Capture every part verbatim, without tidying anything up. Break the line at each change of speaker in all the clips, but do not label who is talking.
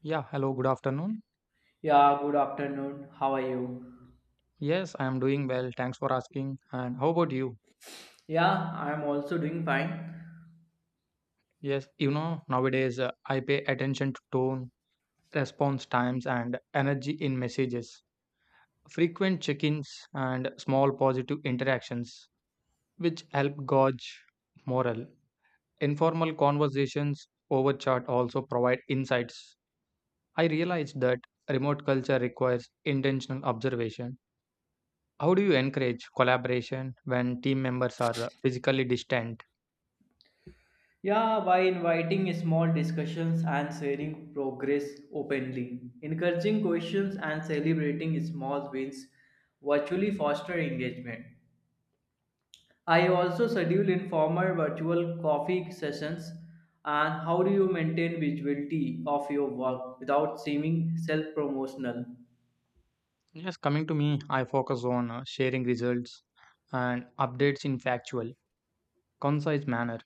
Yeah, hello, good afternoon.
Yeah, good afternoon. How are you?
Yes, I am doing well. Thanks for asking. And how about you?
Yeah, I'm also doing fine.
Yes, you know, nowadays uh, I pay attention to tone, response times, and energy in messages. Frequent check ins and small positive interactions, which help gauge morale. Informal conversations over chat also provide insights. I realized that remote culture requires intentional observation. How do you encourage collaboration when team members are uh, physically distant?
Yeah, by inviting small discussions and sharing progress openly, encouraging questions and celebrating small wins virtually foster engagement. I also schedule informal virtual coffee sessions and how do you maintain visibility of your work without seeming self-promotional?
Yes, coming to me, I focus on uh, sharing results and updates in factual, concise manner.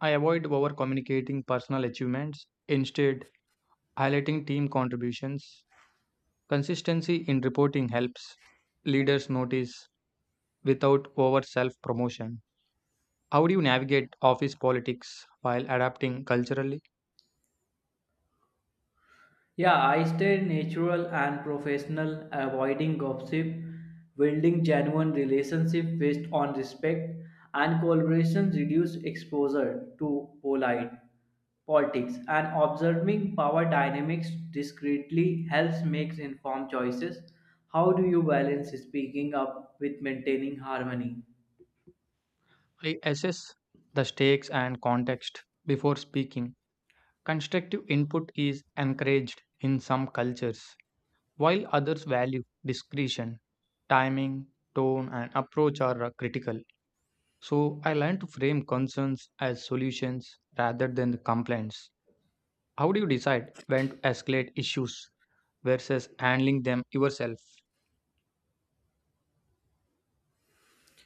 I avoid over communicating personal achievements, instead, highlighting team contributions. Consistency in reporting helps leaders notice without over self promotion. How do you navigate office politics while adapting culturally?
Yeah, I stay natural and professional, avoiding gossip, building genuine relationship based on respect and collaboration, reduce exposure to polite politics and observing power dynamics discreetly helps make informed choices. How do you balance speaking up with maintaining harmony?
I assess the stakes and context before speaking. Constructive input is encouraged in some cultures, while others value discretion, timing, tone, and approach are uh, critical. So I learned to frame concerns as solutions rather than the complaints. How do you decide when to escalate issues versus handling them yourself?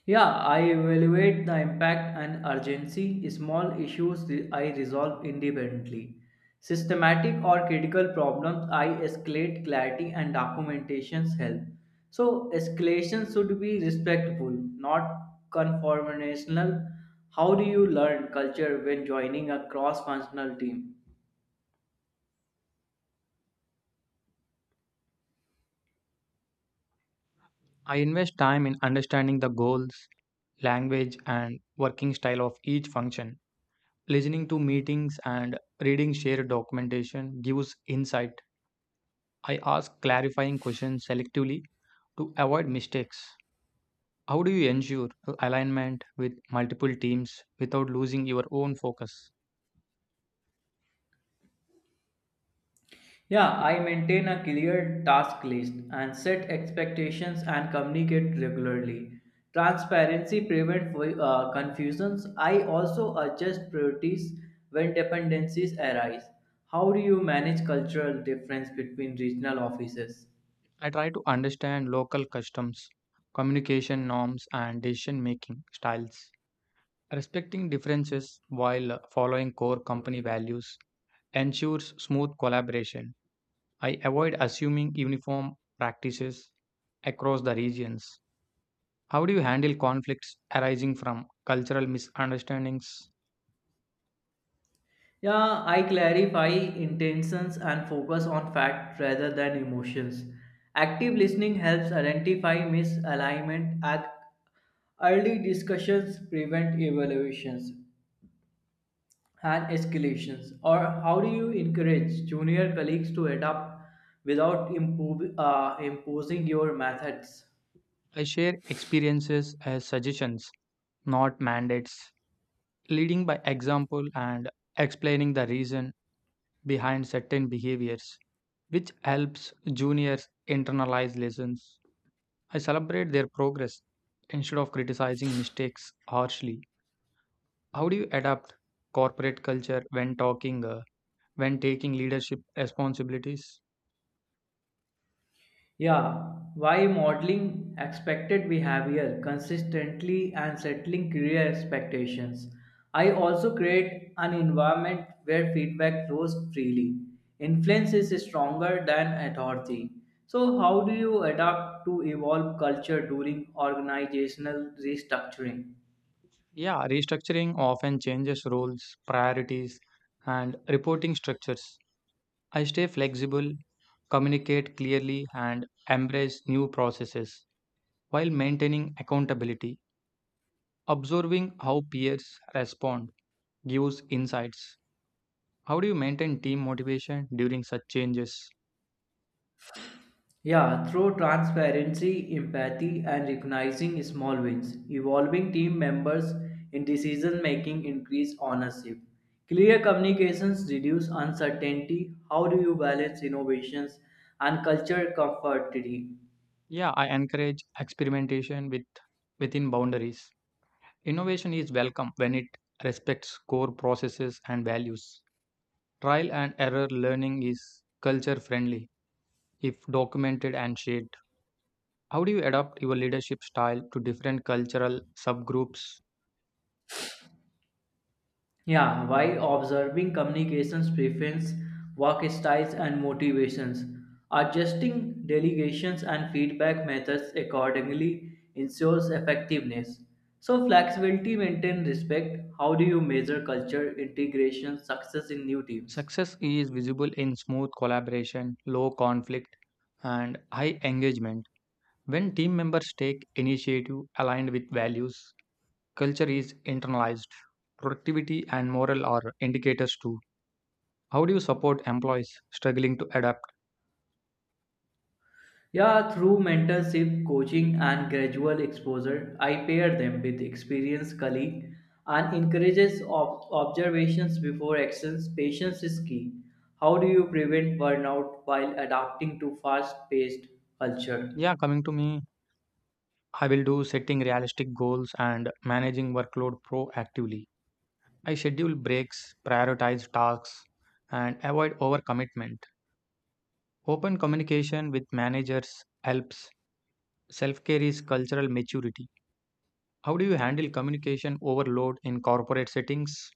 Yeah, I evaluate the impact and urgency. Small issues re- I resolve independently. Systematic or critical problems I escalate clarity and documentations help. So escalation should be respectful, not conformational. How do you learn culture when joining a cross-functional team?
I invest time in understanding the goals, language, and working style of each function. Listening to meetings and reading shared documentation gives insight. I ask clarifying questions selectively to avoid mistakes. How do you ensure alignment with multiple teams without losing your own focus?
Yeah, I maintain a clear task list and set expectations and communicate regularly. Transparency prevents uh, confusions. I also adjust priorities when dependencies arise. How do you manage cultural difference between regional offices?
I try to understand local customs, communication norms, and decision making styles. Respecting differences while following core company values ensures smooth collaboration. I avoid assuming uniform practices across the regions. How do you handle conflicts arising from cultural misunderstandings?
Yeah, I clarify intentions and focus on fact rather than emotions. Active listening helps identify misalignment at early discussions prevent evaluations and escalations or how do you encourage junior colleagues to adapt without impo- uh, imposing your methods?
I share experiences as suggestions, not mandates, leading by example and explaining the reason behind certain behaviors, which helps juniors internalize lessons. I celebrate their progress instead of criticizing mistakes harshly. How do you adapt corporate culture when talking, uh, when taking leadership responsibilities?
Yeah, why modeling expected behavior consistently and settling career expectations. I also create an environment where feedback flows freely. Influence is stronger than authority. So, how do you adapt to evolve culture during organizational restructuring?
Yeah, restructuring often changes roles, priorities, and reporting structures. I stay flexible, communicate clearly, and embrace new processes while maintaining accountability. Observing how peers respond gives insights. How do you maintain team motivation during such changes?
Yeah, through transparency, empathy, and recognizing small wins, evolving team members in decision making increase ownership. Clear communications reduce uncertainty. How do you balance innovations and culture comfortably?
Yeah, I encourage experimentation with within boundaries. Innovation is welcome when it respects core processes and values. Trial and error learning is culture friendly if documented and shared. How do you adapt your leadership style to different cultural subgroups?
Yeah, while observing communications preference, work styles and motivations, adjusting delegations and feedback methods accordingly ensures effectiveness. So flexibility maintains respect. How do you measure culture integration success in new teams?
Success is visible in smooth collaboration, low conflict, and high engagement. When team members take initiative aligned with values, culture is internalized. Productivity and morale are indicators too. How do you support employees struggling to adapt?
Yeah, through mentorship, coaching, and gradual exposure, I pair them with experienced colleagues and encourages ob- observations before actions. Patience is key. How do you prevent burnout while adapting to fast-paced culture?
Yeah, coming to me, I will do setting realistic goals and managing workload proactively. I schedule breaks, prioritize tasks, and avoid overcommitment. Open communication with managers helps. Self care is cultural maturity. How do you handle communication overload in corporate settings?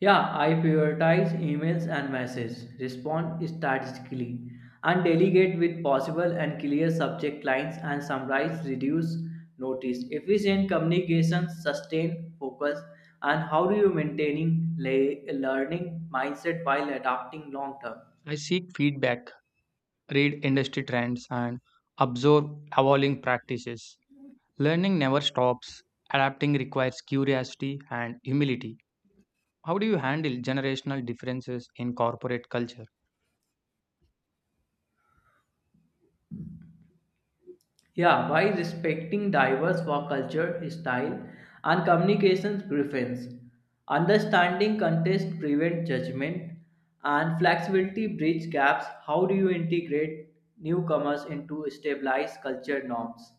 Yeah, I prioritize emails and messages, respond strategically, and delegate with possible and clear subject lines and summarize reduce notice. Efficient communication, sustain focus, and how do you maintaining le- learning mindset while adapting long term?
I seek feedback, read industry trends, and observe evolving practices. Learning never stops. Adapting requires curiosity and humility. How do you handle generational differences in corporate culture?
Yeah, by respecting diverse work culture, style, and communications preference, understanding context prevent judgment, and flexibility bridge gaps. How do you integrate newcomers into stabilized culture norms?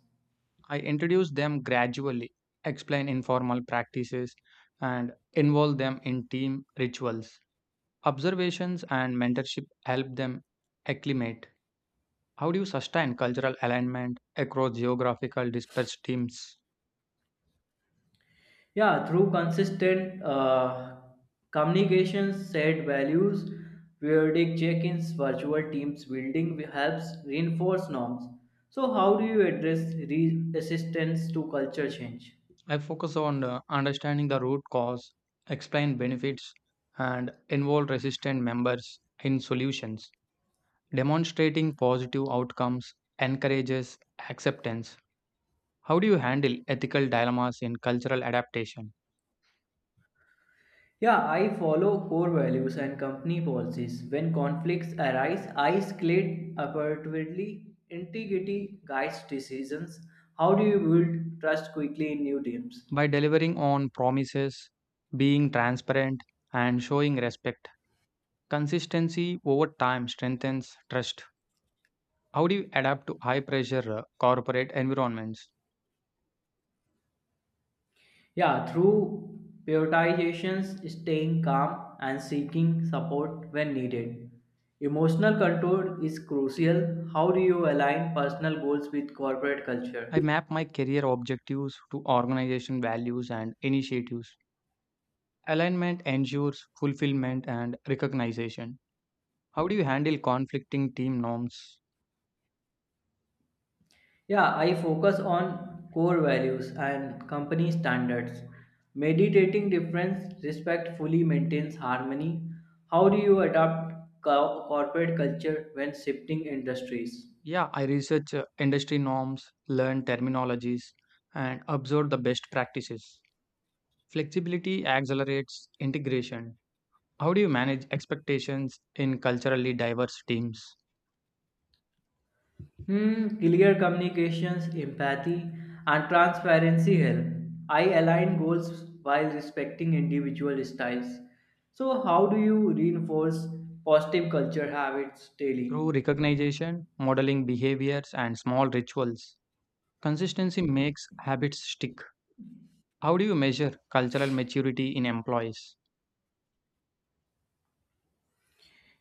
I introduce them gradually, explain informal practices, and involve them in team rituals. Observations and mentorship help them acclimate. How do you sustain cultural alignment across geographical dispersed teams?
Yeah, through consistent uh, communications, shared values, periodic check-ins, virtual teams building helps reinforce norms. So, how do you address resistance to culture change?
I focus on uh, understanding the root cause, explain benefits, and involve resistant members in solutions. Demonstrating positive outcomes encourages acceptance. How do you handle ethical dilemmas in cultural adaptation?
Yeah, I follow core values and company policies. When conflicts arise, I escalate appropriately. Integrity guides decisions. How do you build trust quickly in new teams?
By delivering on promises, being transparent, and showing respect. Consistency over time strengthens trust. How do you adapt to high pressure uh, corporate environments?
Yeah, through prioritizations, staying calm, and seeking support when needed. Emotional control is crucial. How do you align personal goals with corporate culture?
I map my career objectives to organization values and initiatives. Alignment ensures fulfillment and recognition. How do you handle conflicting team norms?
Yeah, I focus on core values and company standards. Meditating difference respectfully maintains harmony. How do you adapt co- corporate culture when shifting industries?
Yeah, I research uh, industry norms, learn terminologies, and observe the best practices. Flexibility accelerates integration. How do you manage expectations in culturally diverse teams?
Hmm, clear communications, empathy, and transparency help. I align goals while respecting individual styles. So, how do you reinforce positive culture habits daily?
Through recognition, modeling behaviors, and small rituals. Consistency makes habits stick. How do you measure cultural maturity in employees?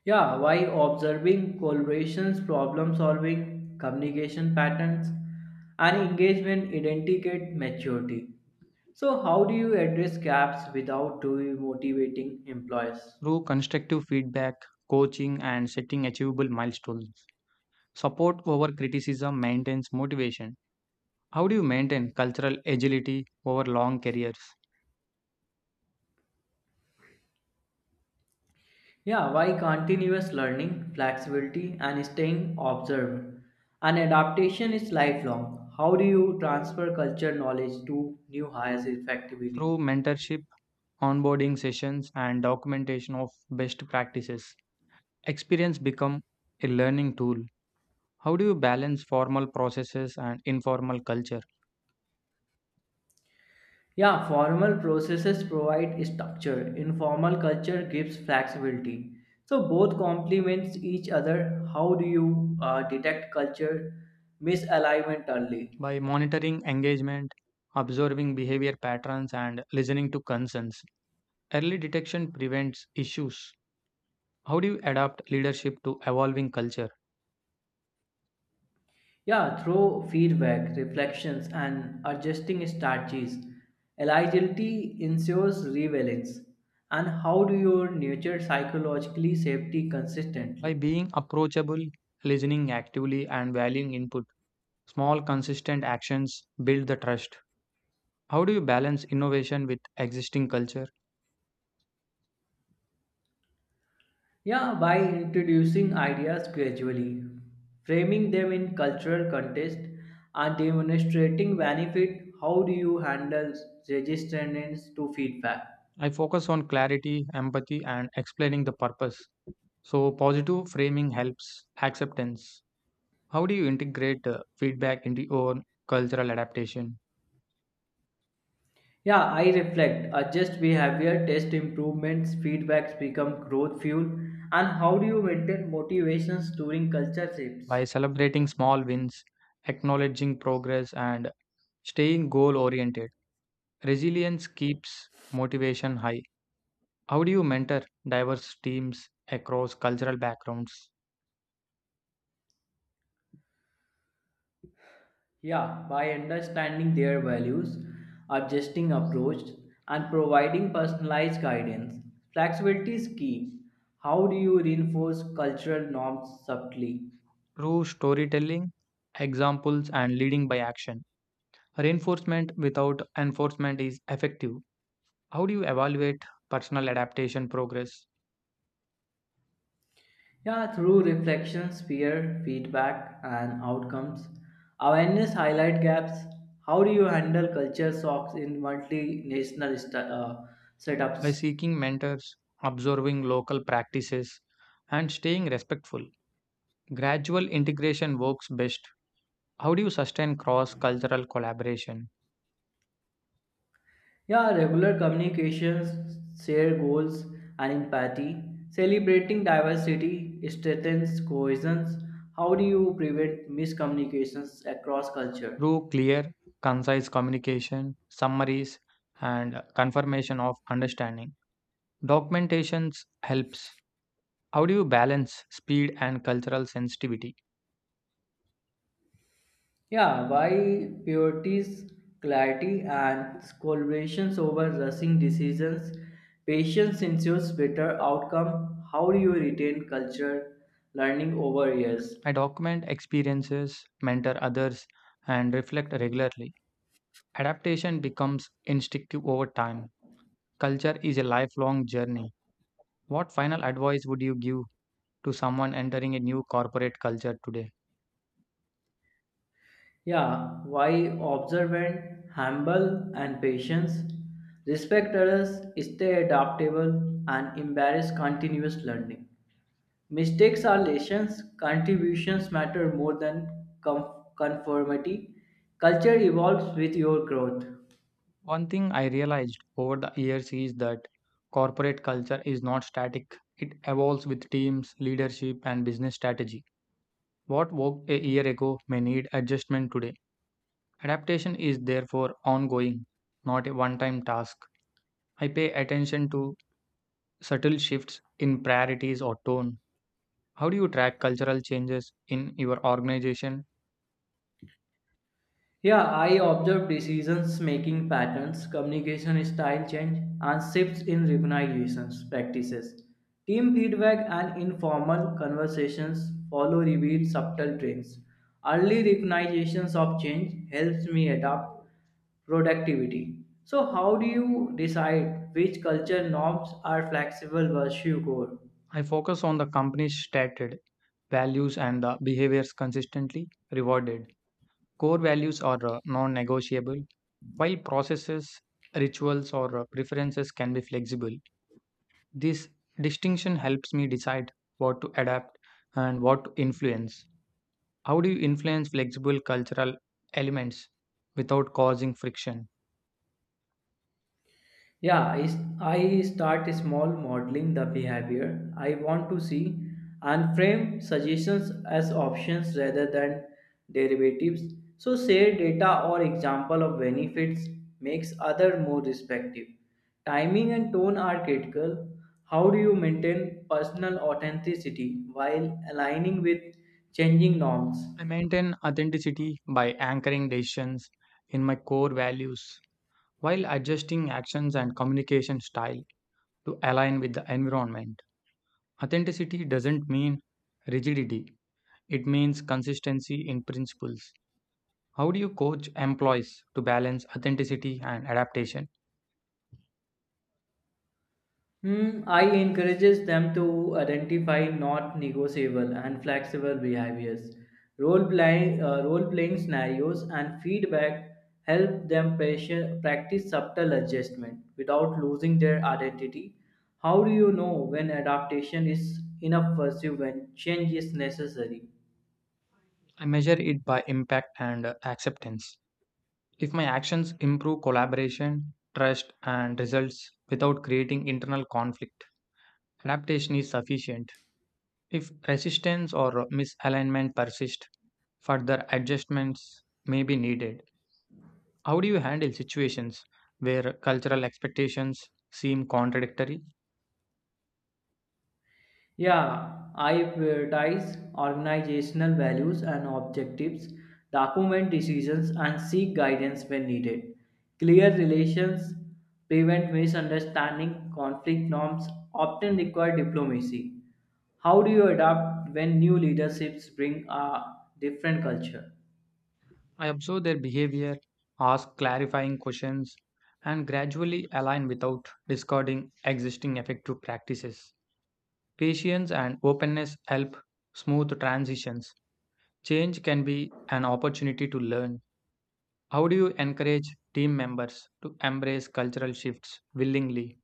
Yeah, why observing collaborations, problem solving, communication patterns, and engagement indicate maturity. So, how do you address gaps without demotivating employees?
Through constructive feedback, coaching, and setting achievable milestones. Support over criticism maintains motivation. How do you maintain cultural agility over long careers?
Yeah, why continuous learning, flexibility, and staying observant? And adaptation is lifelong. How do you transfer culture knowledge to new hires effectively?
Through mentorship, onboarding sessions, and documentation of best practices, experience become a learning tool. How do you balance formal processes and informal culture?
Yeah, formal processes provide structure, informal culture gives flexibility. So both complements each other. How do you uh, detect culture misalignment early?
By monitoring engagement, observing behavior patterns, and listening to concerns. Early detection prevents issues. How do you adapt leadership to evolving culture?
Yeah, through feedback, reflections, and adjusting strategies, eligibility ensures relevance. And how do you nurture psychologically safety
By
consistently?
being approachable, listening actively, and valuing input, small, consistent actions build the trust. How do you balance innovation with existing culture?
Yeah, by introducing ideas gradually, framing them in cultural context, and demonstrating benefit, how do you handle resistance to feedback?
I focus on clarity, empathy, and explaining the purpose. So, positive framing helps acceptance. How do you integrate uh, feedback into your cultural adaptation?
Yeah, I reflect, adjust behavior, test improvements, feedbacks become growth fuel, and how do you maintain motivations during culture shifts?
By celebrating small wins, acknowledging progress, and staying goal oriented, resilience keeps motivation high. How do you mentor diverse teams across cultural backgrounds?
Yeah, by understanding their values, adjusting approach, and providing personalized guidance, flexibility is key. How do you reinforce cultural norms subtly?
Through storytelling, examples, and leading by action. Reinforcement without enforcement is effective. How do you evaluate personal adaptation progress?
Yeah, through reflections, peer feedback, and outcomes. Awareness highlight gaps. How do you handle culture shocks in multinational st- uh,
By
setups?
seeking mentors, observing local practices, and staying respectful. Gradual integration works best. How do you sustain cross cultural collaboration?
Yeah, regular communications, share goals, and empathy. Celebrating diversity strengthens cohesion. How do you prevent miscommunications across culture?
Through clear, concise communication, summaries, and confirmation of understanding. Documentations helps. How do you balance speed and cultural sensitivity?
Yeah, by purities, clarity, and collaborations over rushing decisions. Patience ensures better outcome. How do you retain culture learning over years?
I document experiences, mentor others, and reflect regularly. Adaptation becomes instinctive over time. Culture is a lifelong journey. What final advice would you give to someone entering a new corporate culture today?
Yeah, why observant, humble, and patience. Respect others, stay adaptable, and embrace continuous learning. Mistakes are lessons, contributions matter more than com- conformity. Culture evolves with your growth.
One thing I realized over the years is that corporate culture is not static, it evolves with teams, leadership, and business strategy. What worked a year ago may need adjustment today. Adaptation is therefore ongoing, not a one time task. I pay attention to subtle shifts in priorities or tone. How do you track cultural changes in your organization?
Yeah, I observe decisions making patterns, communication style change, and shifts in recognitions practices. Team feedback and informal conversations follow reveal subtle trends. Early recognitions of change helps me adapt productivity. So, how do you decide which culture norms are flexible versus core?
I focus on the company's stated values and the behaviors consistently rewarded. Core values are uh, non negotiable, while processes, rituals, or uh, preferences can be flexible. This distinction helps me decide what to adapt and what to influence. How do you influence flexible cultural elements without causing friction?
Yeah, I, I start small modeling the behavior I want to see and frame suggestions as options rather than derivatives. So, share data or example of benefits makes other more respective. Timing and tone are critical. How do you maintain personal authenticity while aligning with changing norms?
I maintain authenticity by anchoring decisions in my core values while adjusting actions and communication style to align with the environment. Authenticity doesn't mean rigidity, it means consistency in principles. How do you coach employees to balance authenticity and adaptation?
Hmm, I encourages them to identify not negotiable and flexible behaviors. Role playing, uh, role playing scenarios and feedback help them patient- practice subtle adjustment without losing their identity. How do you know when adaptation is enough versus when change is necessary?
I measure it by impact and uh, acceptance. If my actions improve collaboration, trust, and results without creating internal conflict, adaptation is sufficient. If resistance or misalignment persist, further adjustments may be needed. How do you handle situations where cultural expectations seem contradictory?
Yeah, I prioritize organizational values and objectives, document decisions, and seek guidance when needed. Clear relations prevent misunderstanding, conflict norms often require diplomacy. How do you adapt when new leaderships bring a different culture?
I observe their behavior, ask clarifying questions, and gradually align without discarding existing effective practices. Patience and openness help smooth transitions. Change can be an opportunity to learn. How do you encourage team members to embrace cultural shifts willingly?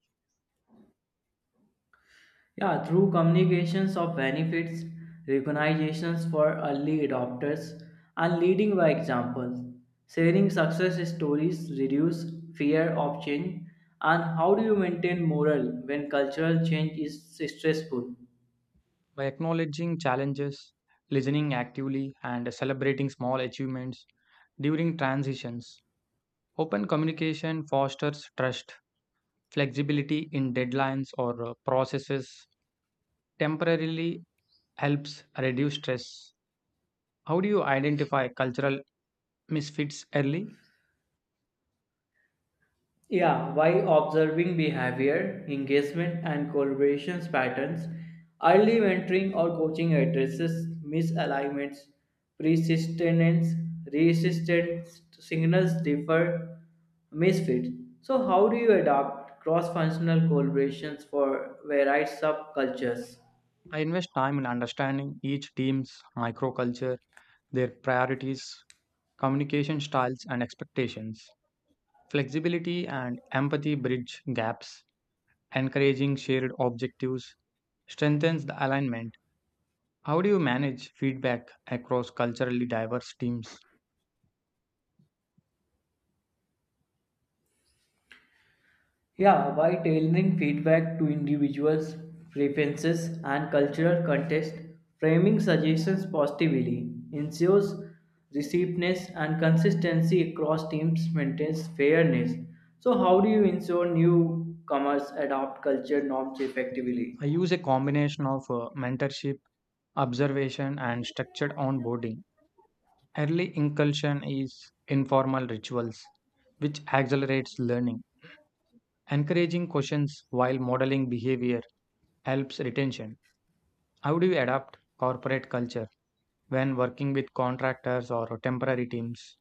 Yeah, through communications of benefits, recognitions for early adopters, and leading by example. Sharing success stories reduce fear of change. And how do you maintain morale when cultural change is stressful?
By acknowledging challenges, listening actively, and celebrating small achievements during transitions. Open communication fosters trust, flexibility in deadlines or uh, processes temporarily helps reduce stress. How do you identify cultural misfits early?
Yeah, while observing behavior, engagement, and collaborations patterns, early mentoring or coaching addresses misalignments, persistence, resistance signals differ, misfits. So, how do you adopt cross-functional collaborations for varied subcultures?
I invest time in understanding each team's microculture, their priorities, communication styles, and expectations. Flexibility and empathy bridge gaps, encouraging shared objectives strengthens the alignment. How do you manage feedback across culturally diverse teams?
Yeah, by tailoring feedback to individuals' preferences and cultural context, framing suggestions positively ensures receptiveness and consistency across teams maintains fairness. So, how do you ensure newcomers adopt culture norms effectively?
I use a combination of uh, mentorship, observation, and structured onboarding. Early inclusion is informal rituals, which accelerates learning. Encouraging questions while modeling behavior helps retention. How do you adapt corporate culture when working with contractors or temporary teams?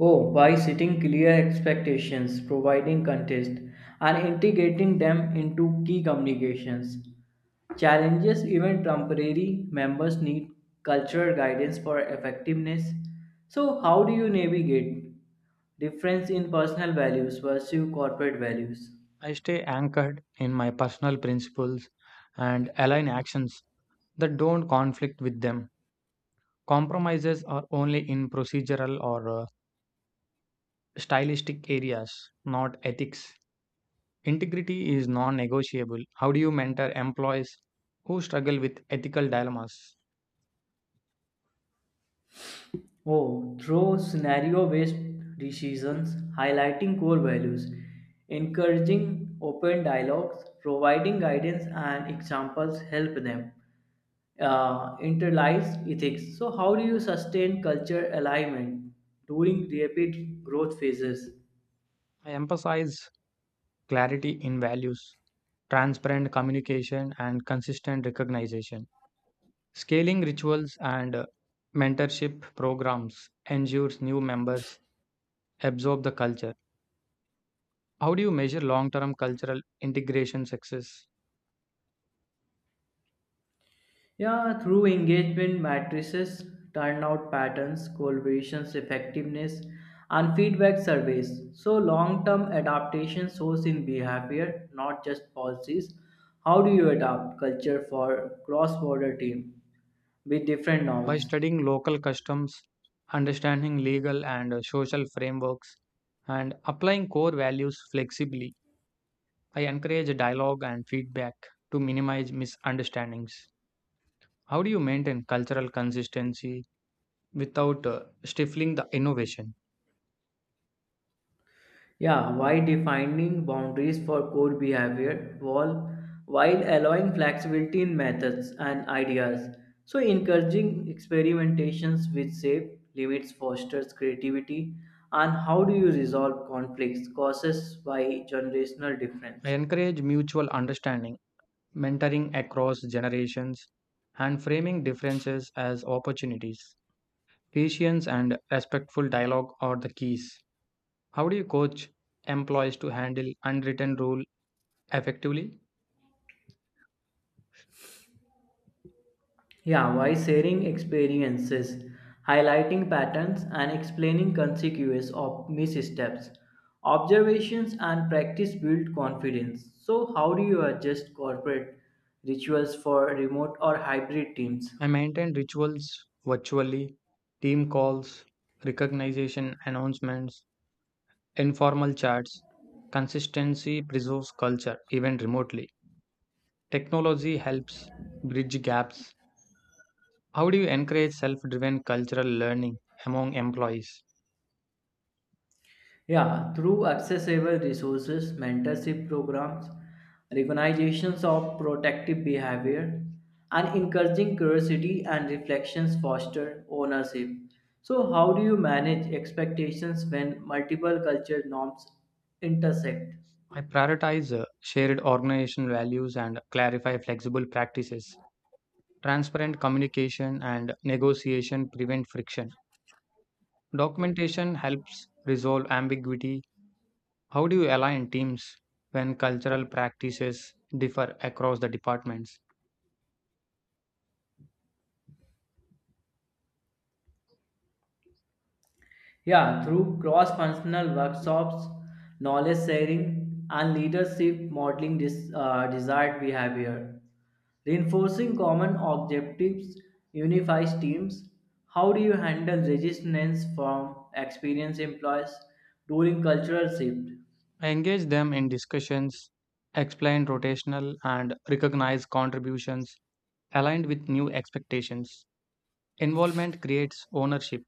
Oh, by setting clear expectations, providing context, and integrating them into key communications. Challenges, even temporary members need cultural guidance for effectiveness. So, how do you navigate difference in personal values versus corporate values?
I stay anchored in my personal principles and align actions that don't conflict with them. Compromises are only in procedural or uh, stylistic areas, not ethics. Integrity is non negotiable. How do you mentor employees who struggle with ethical dilemmas?
Oh, through scenario-based decisions, highlighting core values, encouraging open dialogues, providing guidance and examples help them uh, internalize ethics. So, how do you sustain culture alignment during rapid growth phases?
I emphasize clarity in values, transparent communication, and consistent recognition. Scaling rituals and uh, mentorship programs ensures new members absorb the culture. How do you measure long term cultural integration success?
Yeah, through engagement matrices, turnout patterns, collaborations, effectiveness, and feedback surveys. So, long term adaptation shows in behavior, not just policies. How do you adapt culture for cross border team with different
By
norms?
studying local customs, understanding legal and uh, social frameworks, and applying core values flexibly. I encourage dialogue and feedback to minimize misunderstandings. How do you maintain cultural consistency without uh, stifling the innovation?
Yeah, why defining boundaries for core behavior while, while allowing flexibility in methods and ideas. So, encouraging experimentations with safe limits fosters creativity. And how do you resolve conflicts caused by generational
I
difference?
encourage mutual understanding, mentoring across generations, and framing differences as opportunities. Patience and respectful dialogue are the keys. How do you coach employees to handle unwritten rule effectively?
Yeah, why sharing experiences, highlighting patterns, and explaining consequences of missteps. Observations and practice build confidence. So, how do you adjust corporate rituals for remote or hybrid teams?
I maintain rituals virtually, team calls, recognition announcements, informal chats. Consistency preserves culture even remotely. Technology helps bridge gaps. How do you encourage self driven cultural learning among employees?
Yeah, through accessible resources, mentorship programs, recognitions of protective behavior, and encouraging curiosity and reflections foster ownership. So, how do you manage expectations when multiple culture norms intersect?
I prioritize uh, shared organizational values and clarify flexible practices. Transparent communication and negotiation prevent friction. Documentation helps resolve ambiguity. How do you align teams when cultural practices differ across the departments?
Yeah, through cross functional workshops, knowledge sharing, and leadership modeling this uh, desired behavior. Reinforcing common objectives unifies teams. How do you handle resistance from experienced employees during cultural shift?
I engage them in discussions, explain rotational and recognize contributions aligned with new expectations. Involvement creates ownership.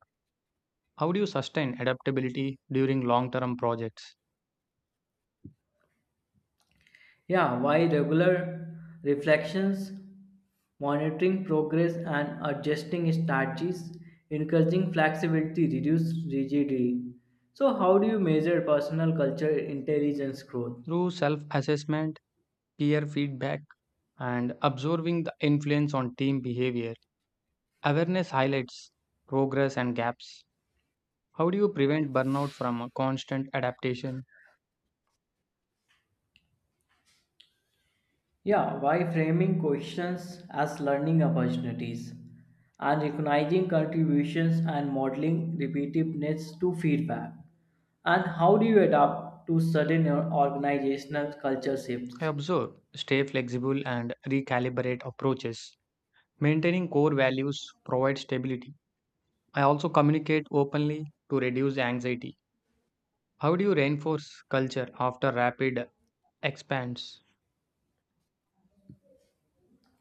How do you sustain adaptability during long term projects?
Yeah, why regular reflections, monitoring progress, and adjusting strategies, encouraging flexibility, reduce rigidity. So, how do you measure personal culture intelligence growth?
Through self assessment, peer feedback, and observing the influence on team behavior. Awareness highlights progress and gaps. How do you prevent burnout from a constant adaptation?
Yeah, why framing questions as learning opportunities and recognizing contributions and modeling repetitiveness to feedback? And how do you adapt to sudden or organizational culture
I
shifts?
observe, stay flexible, and recalibrate approaches. Maintaining core values provides stability. I also communicate openly to reduce anxiety. How do you reinforce culture after rapid expanse?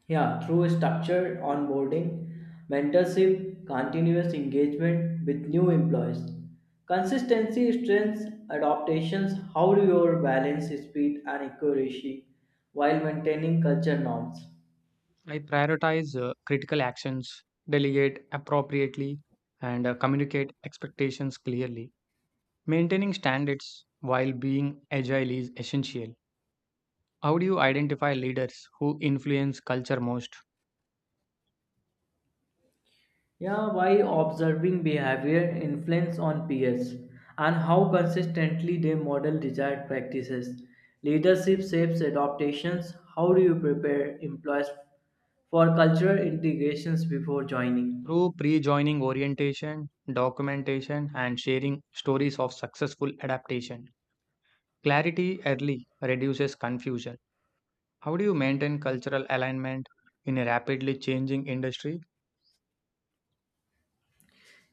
Yeah, through structured onboarding, mentorship, continuous engagement with new employees, consistency, strengths, adaptations, how do you balance speed and accuracy while maintaining culture norms?
I prioritize uh, critical actions, delegate appropriately, and uh, communicate expectations clearly. Maintaining standards while being agile is essential. How do you identify leaders who influence culture most?
Yeah, by observing behavior influence on peers and how consistently they model desired practices. Leadership shapes adaptations, how do you prepare employees for cultural integrations before joining?
Through pre joining orientation, documentation, and sharing stories of successful adaptation. Clarity early reduces confusion. How do you maintain cultural alignment in a rapidly changing industry?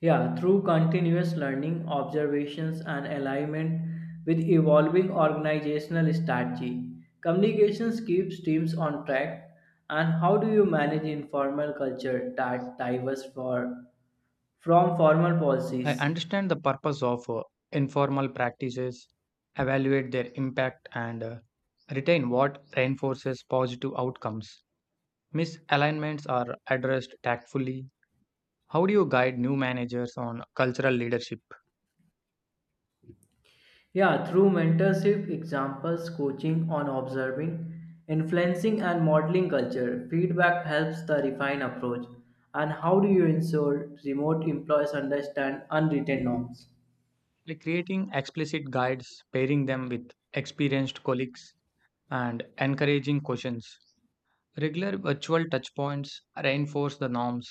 Yeah, through continuous learning, observations, and alignment with evolving organizational strategy, communications keeps teams on track. And how do you manage informal culture that diverse for from formal
I
policies?
understand the purpose of uh, informal practices, evaluate their impact, and uh, retain what reinforces positive outcomes. Misalignments are addressed tactfully. How do you guide new managers on cultural leadership?
Yeah, through mentorship, examples, coaching on observing, influencing, and modeling culture, feedback helps the refine approach. And how do you ensure remote employees understand unwritten norms?
By creating explicit guides, pairing them with experienced colleagues, and encouraging questions. Regular virtual touchpoints reinforce the norms.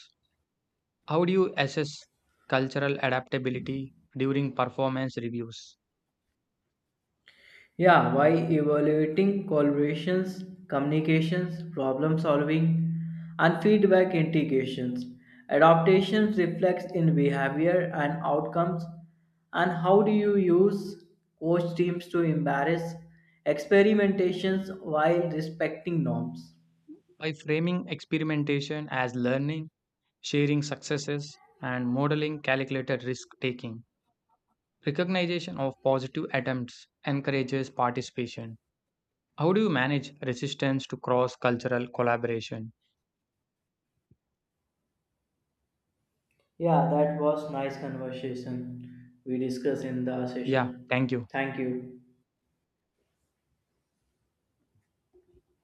How do you assess cultural adaptability during performance reviews?
Yeah, why evaluating collaborations, communications, problem solving, and feedback integrations. Adaptations reflects in behavior and outcomes, and how do you use coach teams to embrace experimentations while respecting norms?
By framing experimentation as learning, sharing successes, and modeling calculated risk taking, recognition of positive attempts encourages participation. How do you manage resistance to cross cultural collaboration?
Yeah, that was nice conversation we discussed in the
Yeah,
session.
thank you.
Thank you.